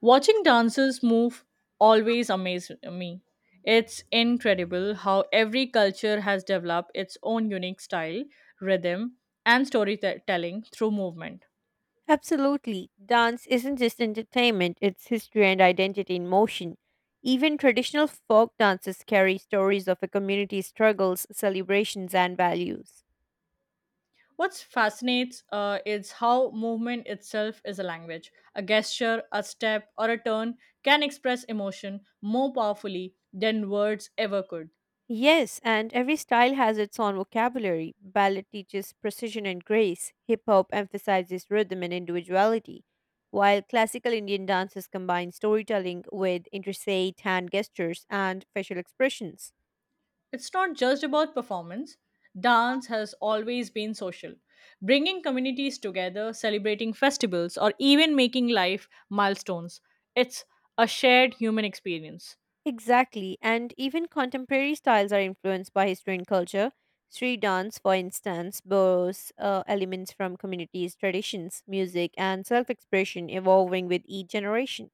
Watching dancers move always amazes me. It's incredible how every culture has developed its own unique style, rhythm, and storytelling through movement. Absolutely. Dance isn't just entertainment, it's history and identity in motion. Even traditional folk dances carry stories of a community's struggles, celebrations, and values. What fascinates is how movement itself is a language. A gesture, a step, or a turn can express emotion more powerfully than words ever could. Yes, and every style has its own vocabulary. Ballet teaches precision and grace, hip hop emphasizes rhythm and individuality, while classical Indian dances combine storytelling with intricate hand gestures and facial expressions. It's not just about performance. Dance has always been social, bringing communities together, celebrating festivals, or even making life milestones. It's a shared human experience. Exactly, and even contemporary styles are influenced by history and culture. Street dance, for instance, borrows elements from communities, traditions, music, and self expression evolving with each generation.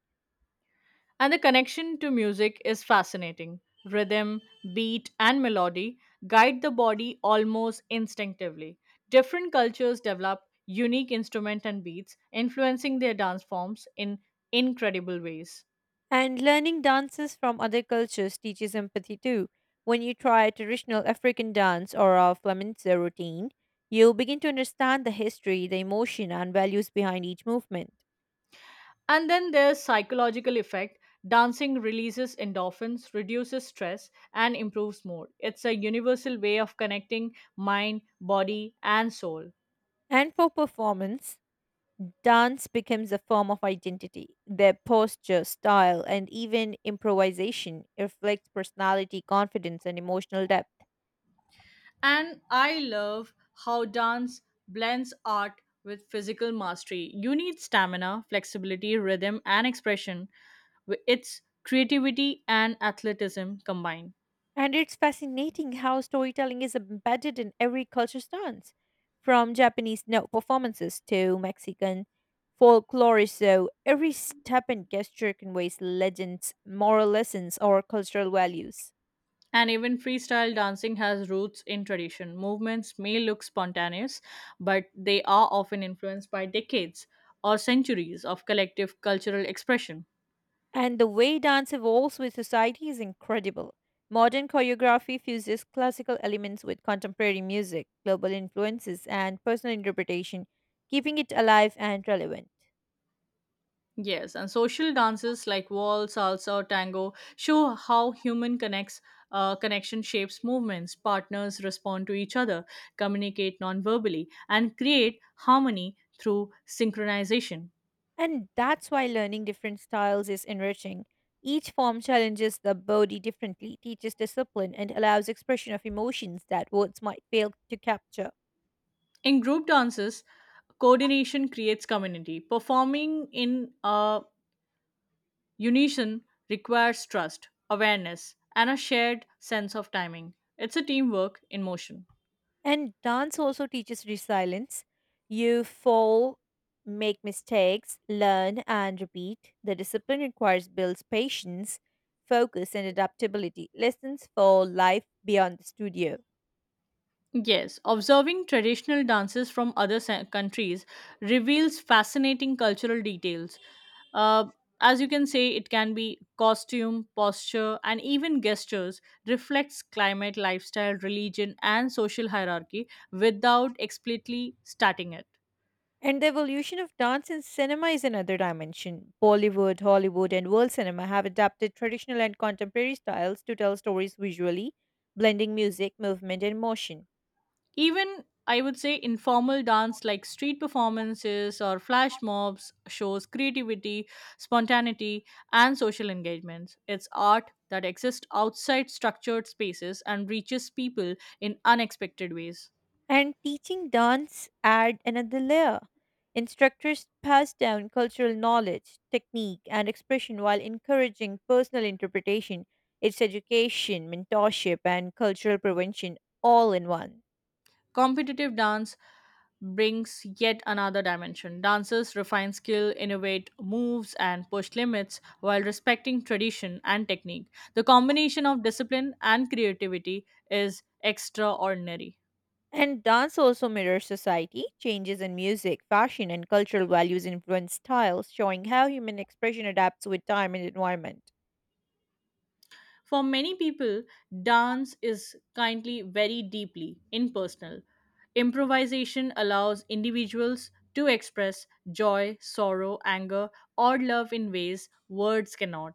And the connection to music is fascinating. Rhythm, beat, and melody guide the body almost instinctively. Different cultures develop unique instruments and beats, influencing their dance forms in incredible ways. And learning dances from other cultures teaches empathy too. When you try a traditional African dance or a flamenco routine, you begin to understand the history, the emotion, and values behind each movement. And then there's psychological effect. Dancing releases endorphins, reduces stress, and improves mood. It's a universal way of connecting mind, body, and soul. And for performance, dance becomes a form of identity. Their posture, style, and even improvisation reflects personality, confidence, and emotional depth. And I love how dance blends art with physical mastery. You need stamina, flexibility, rhythm, and expression. It's creativity and athleticism combined. And it's fascinating how storytelling is embedded in every culture's dance, from Japanese note performances to Mexican folklore. So every step and gesture conveys legends, moral lessons, or cultural values. And even freestyle dancing has roots in tradition. Movements may look spontaneous, but they are often influenced by decades or centuries of collective cultural expression. And the way dance evolves with society is incredible. Modern choreography fuses classical elements with contemporary music, global influences, and personal interpretation, keeping it alive and relevant. Yes, and social dances like waltz, salsa, or tango show how human connects. Connection shapes movements. Partners respond to each other, communicate non-verbally, and create harmony through synchronization. And that's why learning different styles is enriching. Each form challenges the body differently, teaches discipline, and allows expression of emotions that words might fail to capture. In group dances, coordination creates community. Performing in a Unison requires trust, awareness, and a shared sense of timing. It's a teamwork in motion. And dance also teaches resilience. You fall, make mistakes, learn, and repeat. The discipline requires builds patience, focus, and adaptability. Lessons for life beyond the studio. Yes, observing traditional dances from other countries reveals fascinating cultural details. Uh, as you can say, it can be costume, posture, and even gestures reflects climate, lifestyle, religion, and social hierarchy without explicitly stating it. And the evolution of dance in cinema is another dimension. Bollywood, Hollywood, and world cinema have adapted traditional and contemporary styles to tell stories visually, blending music, movement, and motion. Even I would say informal dance like street performances or flash mobs shows creativity, spontaneity, and social engagements. It's art that exists outside structured spaces and reaches people in unexpected ways. And teaching dance add another layer. Instructors pass down cultural knowledge, technique, and expression while encouraging personal interpretation. It's education, mentorship, and cultural prevention all in one. Competitive dance brings yet another dimension. Dancers refine skill, innovate moves, and push limits while respecting tradition and technique. The combination of discipline and creativity is extraordinary. And dance also mirrors society. Changes in music, fashion, and cultural values influence styles, showing how human expression adapts with time and environment. For many people, dance is kindly very deeply impersonal. Improvisation allows individuals to express joy, sorrow, anger, or love in ways words cannot,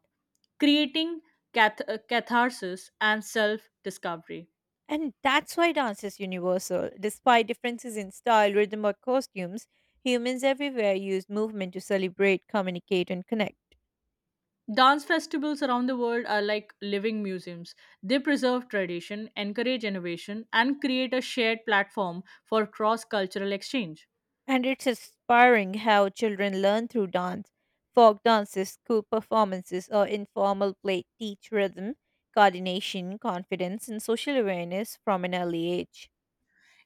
creating catharsis and self discovery. And that's why dance is universal. Despite differences in style, rhythm, or costumes, humans everywhere use movement to celebrate, communicate, and connect. Dance festivals around the world are like living museums. They preserve tradition, encourage innovation, and create a shared platform for cross cultural exchange. And it's inspiring how children learn through dance. Folk dances, school performances, or informal play teach rhythm, coordination, confidence, and social awareness from an early age.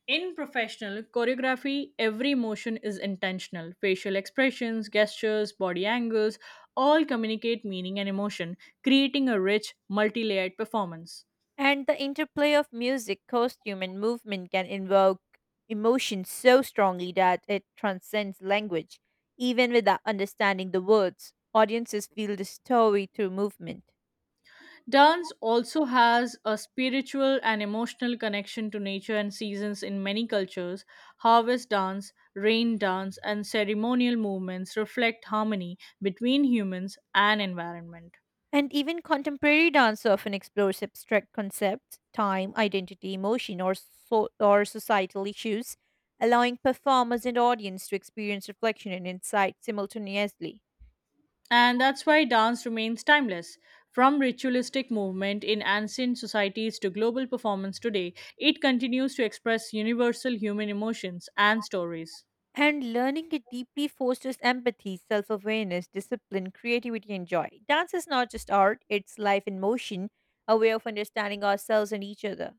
In professional choreography, every motion is intentional. Facial expressions, gestures, body angles all communicate meaning and emotion, creating a rich, multi layered performance. And the interplay of music, costume, and movement can invoke emotion so strongly that it transcends language. Even without understanding the words, audiences feel the story through movement. Dance also has a spiritual and emotional connection to nature and seasons in many cultures. Harvest dance, rain dance, and ceremonial movements reflect harmony between humans and environment. And even contemporary dance often explores abstract concepts, time, identity, emotion, or, or societal issues, allowing performers and audience to experience reflection and insight simultaneously. And that's why dance remains timeless. From ritualistic movement in ancient societies to global performance today, it continues to express universal human emotions and stories. And learning it deeply fosters empathy, self awareness, discipline, creativity, and joy. Dance is not just art, it's life in motion, a way of understanding ourselves and each other.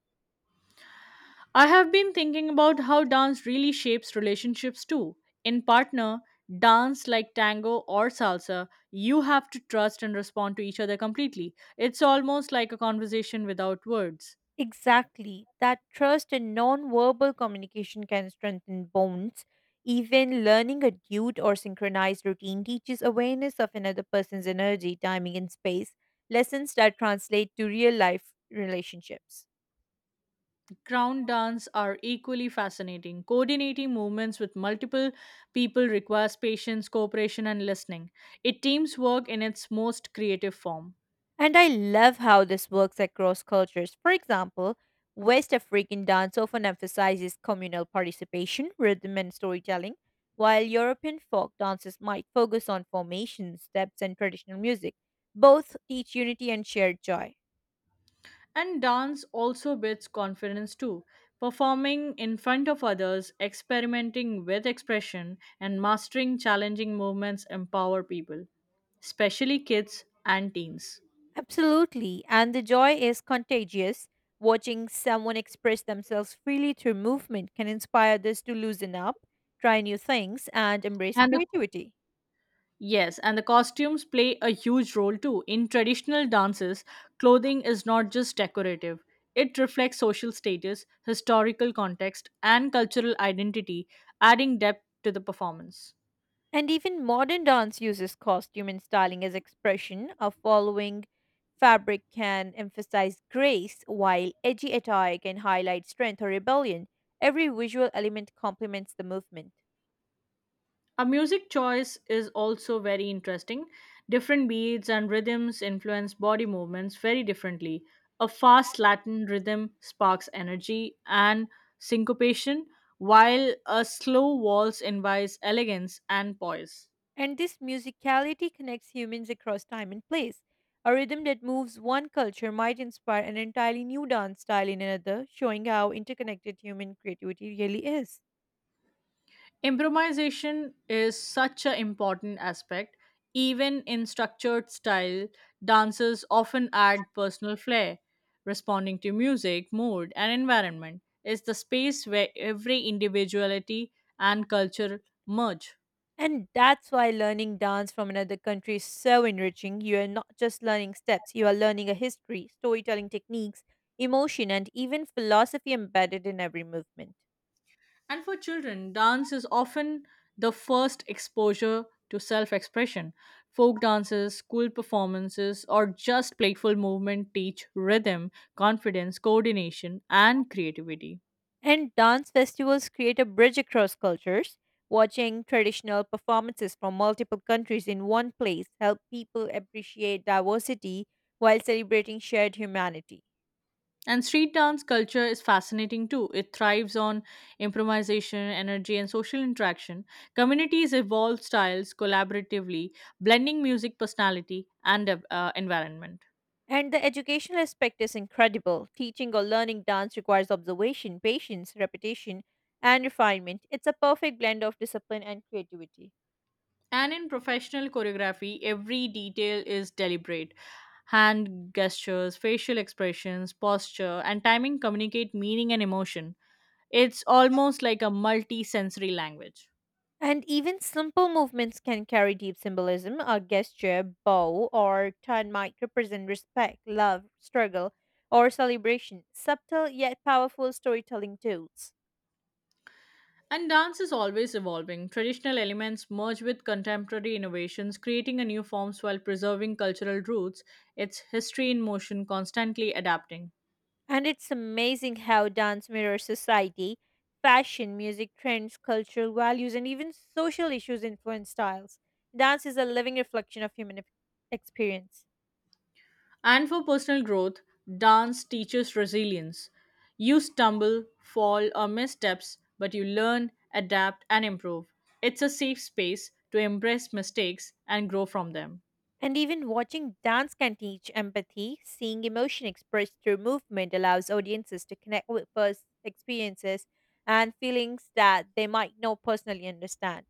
I have been thinking about how dance really shapes relationships too. In partner, dance like tango or salsa, you have to trust and respond to each other completely. It's almost like a conversation without words. Exactly. That trust and non verbal communication can strengthen bonds. Even learning a duet or synchronized routine teaches awareness of another person's energy, timing, and space, lessons that translate to real life relationships. Crown dance are equally fascinating. Coordinating movements with multiple people requires patience, cooperation, and listening. It teams work in its most creative form. And I love how this works across cultures. For example, West African dance often emphasizes communal participation, rhythm, and storytelling, while European folk dances might focus on formation, steps, and traditional music. Both teach unity and shared joy. And dance also builds confidence too. Performing in front of others, experimenting with expression, and mastering challenging movements empower people, especially kids and teens. Absolutely, and the joy is contagious. Watching someone express themselves freely through movement can inspire others to loosen up, try new things, and embrace And the creativity. Yes, and the costumes play a huge role too. In traditional dances, clothing is not just decorative, it reflects social status, historical context, and cultural identity, adding depth to the performance. And even modern dance uses costume and styling as expression. A following fabric can emphasize grace, while edgy attire can highlight strength or rebellion. Every visual element complements the movement. A music choice is also very interesting. Different beats and rhythms influence body movements very differently. A fast Latin rhythm sparks energy and syncopation, while a slow waltz invites elegance and poise. And this musicality connects humans across time and place. A rhythm that moves one culture might inspire an entirely new dance style in another, showing how interconnected human creativity really is. Improvisation is such an important aspect. Even in structured style, dancers often add personal flair, responding to music, mood, and environment. It's the space where every individuality and culture merge. And that's why learning dance from another country is so enriching. You are not just learning steps, you are learning a history, storytelling techniques, emotion, and even philosophy embedded in every movement. And for children, dance is often the first exposure to self expression. Folk dances, school performances, or just playful movement teach rhythm, confidence, coordination, and creativity. And dance festivals create a bridge across cultures. Watching traditional performances from multiple countries in one place help people appreciate diversity while celebrating shared humanity. And street dance culture is fascinating too. It thrives on improvisation, energy, and social interaction. Communities evolve styles collaboratively, blending music, personality, and environment. And the educational aspect is incredible. Teaching or learning dance requires observation, patience, repetition, and refinement. It's a perfect blend of discipline and creativity. And in professional choreography, every detail is deliberate. Hand gestures, facial expressions, posture, and timing communicate meaning and emotion. It's almost like a multi sensory language. And even simple movements can carry deep symbolism. A gesture, bow, or turn might represent respect, love, struggle, or celebration. Subtle yet powerful storytelling tools. And dance is always evolving. Traditional elements merge with contemporary innovations, creating a new forms while preserving cultural roots, its history in motion, constantly adapting. And it's amazing how dance mirrors society, fashion, music trends, cultural values, and even social issues influence styles. Dance is a living reflection of human experience. And for personal growth, dance teaches resilience. You stumble, fall, or missteps, but you learn, adapt, and improve. It's a safe space to embrace mistakes and grow from them. And even watching dance can teach empathy. Seeing emotion expressed through movement allows audiences to connect with experiences and feelings that they might not personally understand.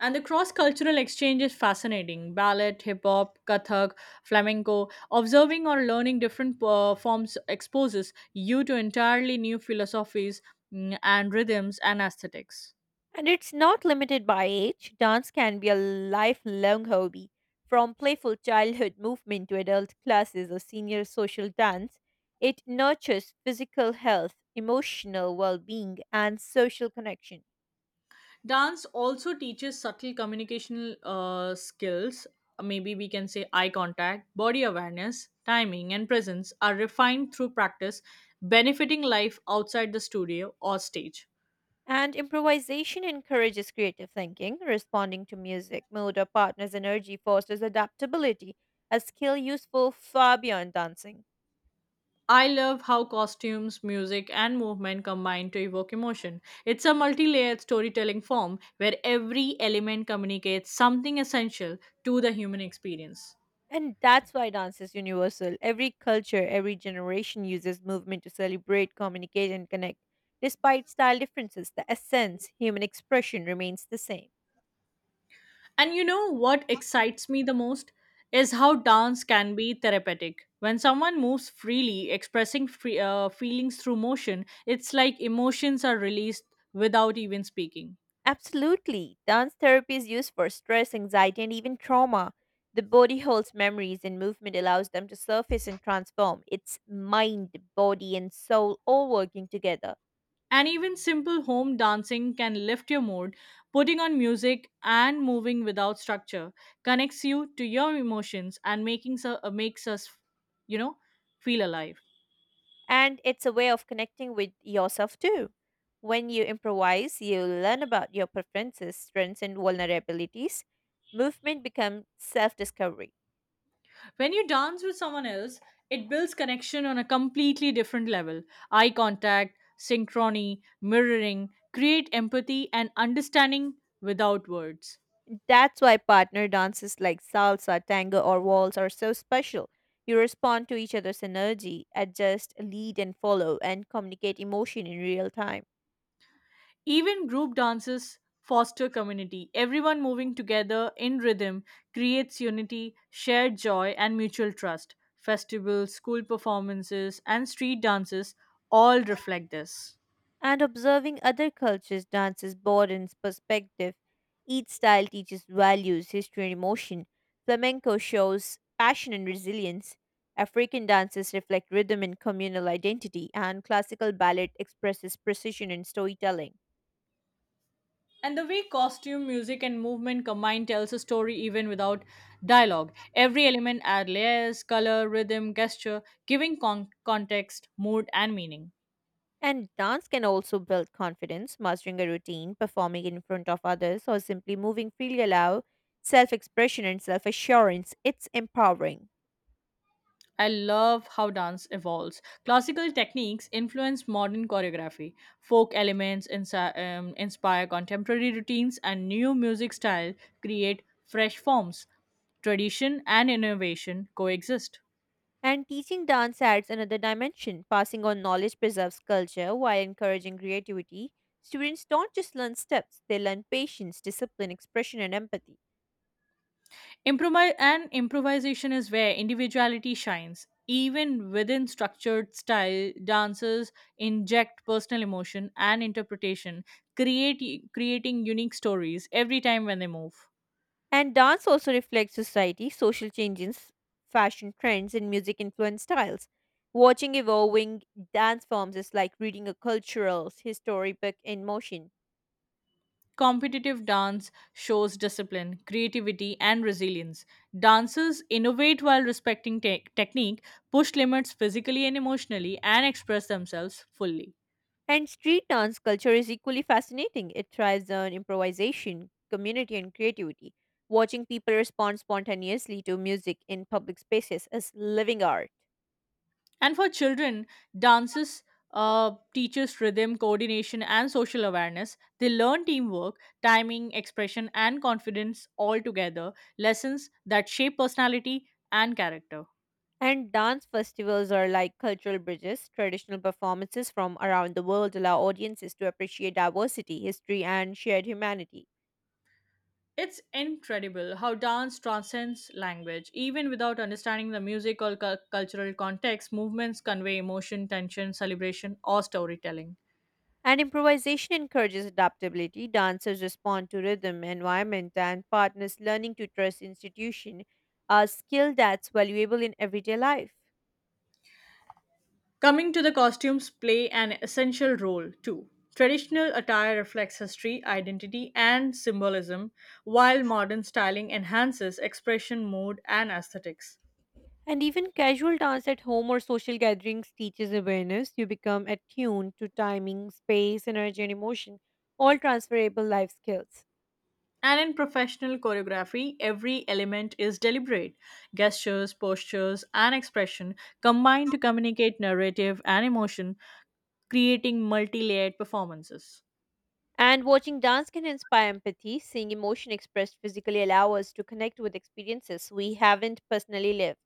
And the cross cultural exchange is fascinating. Ballet, hip hop, Kathak, flamenco. Observing or learning different forms exposes you to entirely new philosophies and rhythms and aesthetics. And it's not limited by age. Dance can be a lifelong hobby. From playful childhood movement to adult classes or senior social dance, it nurtures physical health, emotional well being, and social connection. Dance also teaches subtle communicational skills. Maybe we can say eye contact, body awareness, timing, and presence are refined through practice, benefiting life outside the studio or stage. And improvisation encourages creative thinking, responding to music, mood, or partner's energy fosters adaptability, a skill useful far beyond dancing. I love how costumes, music, and movement combine to evoke emotion. It's a multi layered storytelling form where every element communicates something essential to the human experience. And that's why dance is universal. Every culture, every generation uses movement to celebrate, communicate, and connect. Despite style differences, the essence, human expression remains the same. And you know what excites me the most is how dance can be therapeutic. When someone moves freely, expressing feelings through motion, it's like emotions are released without even speaking. Absolutely. Dance therapy is used for stress, anxiety, and even trauma. The body holds memories, and movement allows them to surface and transform. It's mind, body, and soul all working together. And even simple home dancing can lift your mood. Putting on music and moving without structure connects you to your emotions and makes us, you know, feel alive. And it's a way of connecting with yourself too. When you improvise, you learn about your preferences, strengths, and vulnerabilities. Movement becomes self discovery. When you dance with someone else, it builds connection on a completely different level. Eye contact, synchrony, mirroring create empathy and understanding without words. That's why partner dances like salsa, tango, or waltz are so special. You respond to each other's energy, adjust, lead, and follow, and communicate emotion in real time. Even group dances foster community. Everyone moving together in rhythm creates unity, shared joy, and mutual trust. Festivals, school performances, and street dances all reflect this. And observing other cultures dances broadens perspective. Each style teaches values, history, and emotion. Flamenco shows passion and resilience. African dances reflect rhythm and communal identity, and classical ballet expresses precision and storytelling. And the way costume, music, and movement combined tells a story even without dialogue. Every element adds layers, color, rhythm, gesture, giving context, mood, and meaning. And dance can also build confidence, mastering a routine, performing in front of others, or simply moving freely allow self expression and self assurance. It's empowering. I love how dance evolves. Classical techniques influence modern choreography. Folk elements inspire contemporary routines, and new music style create fresh forms. Tradition and innovation coexist. And teaching dance adds another dimension. Passing on knowledge preserves culture while encouraging creativity. Students don't just learn steps, they learn patience, discipline, expression, and empathy. Improvise and Improvisation is where individuality shines. Even within structured style, dancers inject personal emotion and interpretation, create, creating unique stories every time when they move. And dance also reflects society, social changes, fashion trends, and music influenced styles. Watching evolving dance forms is like reading a cultural history book in motion. Competitive dance shows discipline, creativity, and resilience. Dancers innovate while respecting technique, push limits physically and emotionally, and express themselves fully. And street dance culture is equally fascinating. It thrives on improvisation, community, and creativity. Watching people respond spontaneously to music in public spaces is living art. And for children, dances teaches rhythm, coordination, and social awareness. They learn teamwork, timing, expression, and confidence all together, lessons that shape personality and character. And dance festivals are like cultural bridges. Traditional performances from around the world allow audiences to appreciate diversity, history, and shared humanity. It's incredible how dance transcends language. Even without understanding the music or cultural context, movements convey emotion, tension, celebration, or storytelling. And improvisation encourages adaptability. Dancers respond to rhythm, environment, and partners learning to trust institution, a skill that's valuable in everyday life. Coming to the costumes play an essential role too. Traditional attire reflects history, identity, and symbolism, while modern styling enhances expression, mood, and aesthetics. And even casual dance at home or social gatherings teaches awareness. You become attuned to timing, space, energy, and emotion, all transferable life skills. And in professional choreography, every element is deliberate. Gestures, postures, and expression combine to communicate narrative and emotion, creating multi layered performances. And watching dance can inspire empathy. Seeing emotion expressed physically allow us to connect with experiences we haven't personally lived.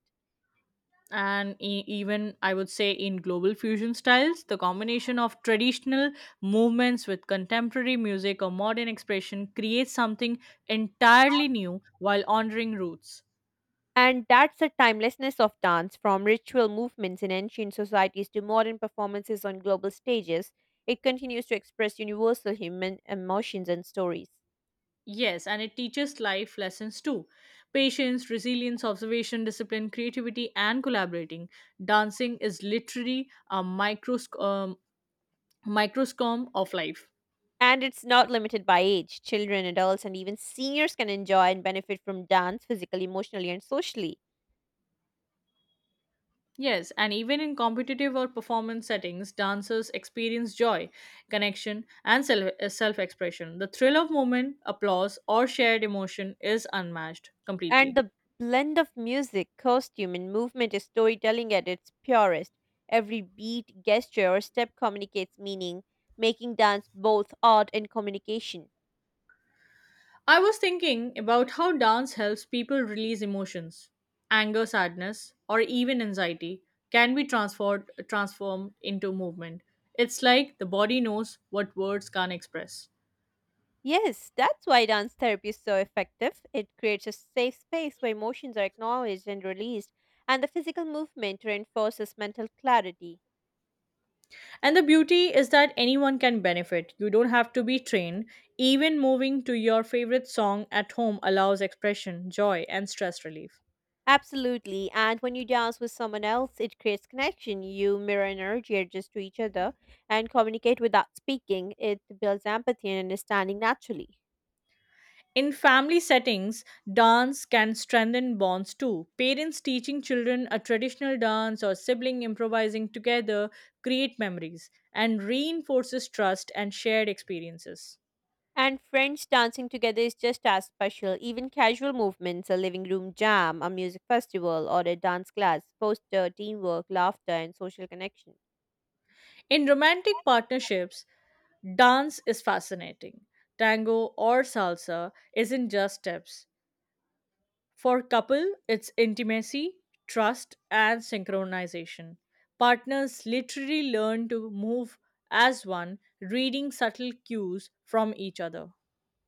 And even I would say in global fusion styles, the combination of traditional movements with contemporary music or modern expression creates something entirely new while honoring roots. And that's the timelessness of dance, from ritual movements in ancient societies to modern performances on global stages. It continues to express universal human emotions and stories. Yes, and it teaches life lessons too patience, resilience, observation, discipline, creativity, and collaborating. Dancing is literally a microscome of life. And it's not limited by age. Children, adults, and even seniors can enjoy and benefit from dance physically, emotionally, and socially. Yes, and even in competitive or performance settings, dancers experience joy, connection, and self expression. The thrill of movement, applause, or shared emotion is unmatched And completely. the blend of music, costume, and movement is storytelling at its purest. Every beat, gesture, or step communicates meaning, making dance both art and communication. I was thinking about how dance helps people release emotions. Anger, sadness, or even anxiety can be transformed into movement. It's like the body knows what words can't express. Yes, that's why dance therapy is so effective. It creates a safe space where emotions are acknowledged and released, and the physical movement reinforces mental clarity. And the beauty is that anyone can benefit. You don't have to be trained. Even moving to your favorite song at home allows expression, joy, and stress relief. Absolutely, and when you dance with someone else, it creates connection. You mirror energy, adjust to each other, and communicate without speaking. It builds empathy and understanding naturally. In family settings, dance can strengthen bonds too. Parents teaching children a traditional dance or sibling improvising together create memories and reinforces trust and shared experiences. And friends dancing together is just as special. Even casual movements, a living room jam, a music festival, or a dance class, foster teamwork, laughter, and social connection. In romantic partnerships, dance is fascinating. Tango or salsa isn't just steps. For couple, it's intimacy, trust, and synchronization. Partners literally learn to move as one, reading subtle cues from each other.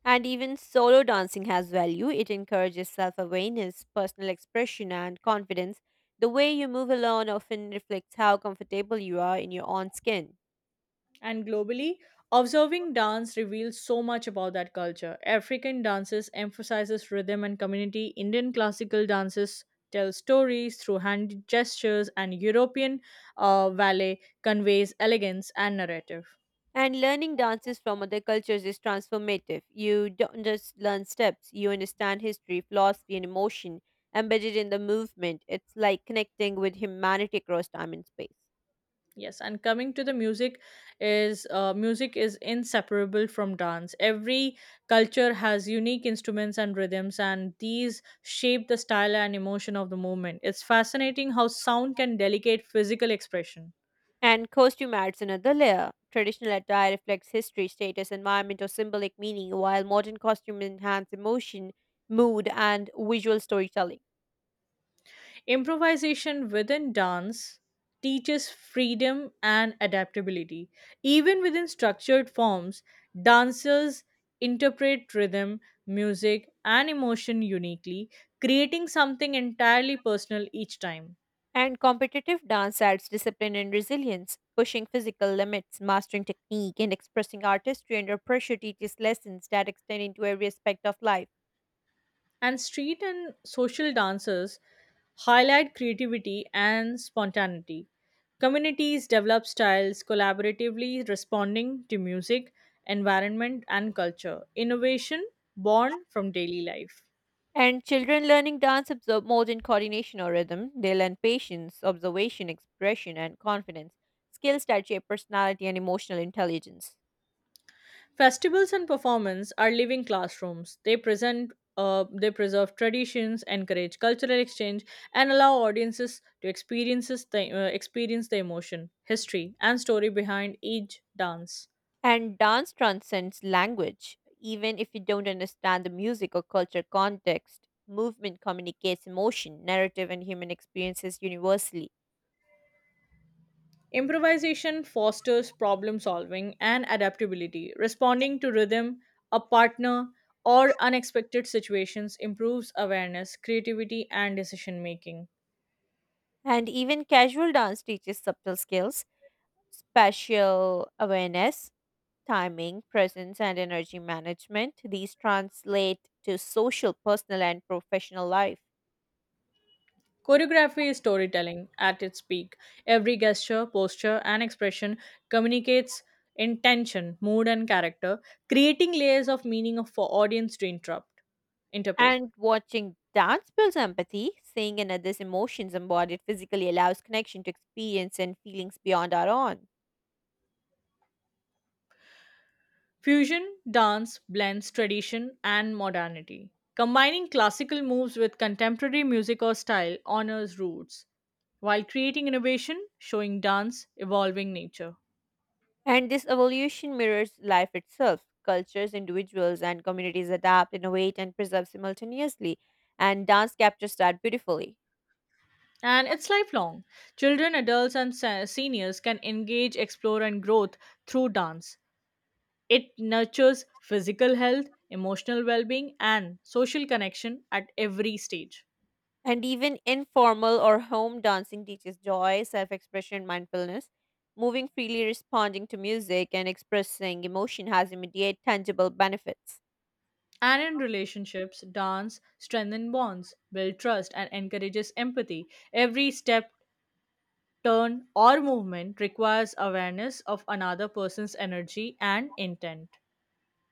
And even solo dancing has value. It encourages self awareness, personal expression, and confidence. The way you move alone often reflects how comfortable you are in your own skin. And globally, observing dance reveals so much about that culture. African dances emphasizes rhythm and community. Indian classical dances tell stories through hand gestures, and European ballet conveys elegance and narrative. And learning dances from other cultures is transformative. You don't just learn steps, you understand history, philosophy, and emotion embedded in the movement. It's like connecting with humanity across time and space. Yes, and coming to the music is inseparable from dance. Every culture has unique instruments and rhythms, and these shape the style and emotion of the movement. It's fascinating how sound can delegate physical expression. And costume adds another layer. Traditional attire reflects history, status, environment, or symbolic meaning, while modern costumes enhance emotion, mood, and visual storytelling. Improvisation within dance teaches freedom and adaptability. Even within structured forms, dancers interpret rhythm, music, and emotion uniquely, creating something entirely personal each time. And competitive dance adds discipline and resilience, pushing physical limits, mastering technique, and expressing artistry under pressure teaches lessons that extend into every aspect of life. And street and social dances highlight creativity and spontaneity. Communities develop styles collaboratively responding to music, environment, and culture. Innovation born from daily life. And children learning dance absorb modern coordination or rhythm. They learn patience, observation, expression, and confidence, skills that shape personality and emotional intelligence. Festivals and performance are living classrooms. They preserve traditions, encourage cultural exchange, and allow audiences to experiences the, experience the emotion, history, and story behind each dance. And dance transcends language. Even if you don't understand the music or culture context, movement communicates emotion, narrative, and human experiences universally. Improvisation fosters problem solving and adaptability. Responding to rhythm, a partner, or unexpected situations improves awareness, creativity, and decision making. And even casual dance teaches subtle skills, spatial awareness, timing, presence, and energy management. These translate to social, personal, and professional life. Choreography is storytelling at its peak. Every gesture, posture, and expression communicates intention, mood, and character, creating layers of meaning for audience interpret. And watching dance builds empathy, seeing another's emotions embodied physically allows connection to experience and feelings beyond our own. Fusion dance blends tradition and modernity. Combining classical moves with contemporary music or style honors roots, while creating innovation, showing dance evolving nature. And this evolution mirrors life itself. Cultures, individuals, and communities adapt, innovate, and preserve simultaneously. And dance captures that beautifully. And it's lifelong. Children, adults, and seniors can engage, explore, and growth through dance. It nurtures physical health, emotional well being, and social connection at every stage. And even informal or home dancing teaches joy, self expression, and mindfulness. Moving freely, responding to music, and expressing emotion has immediate, tangible benefits. And in relationships, dance strengthens bonds, builds trust, and encourages empathy. Every step, turn, or movement requires awareness of another person's energy and intent.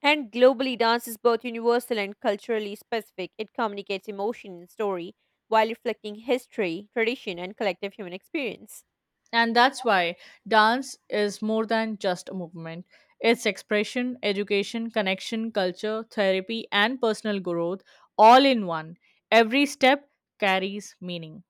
And globally, dance is both universal and culturally specific. It communicates emotion and story while reflecting history, tradition, and collective human experience. And that's why dance is more than just a movement. It's expression, education, connection, culture, therapy, and personal growth all in one. Every step carries meaning.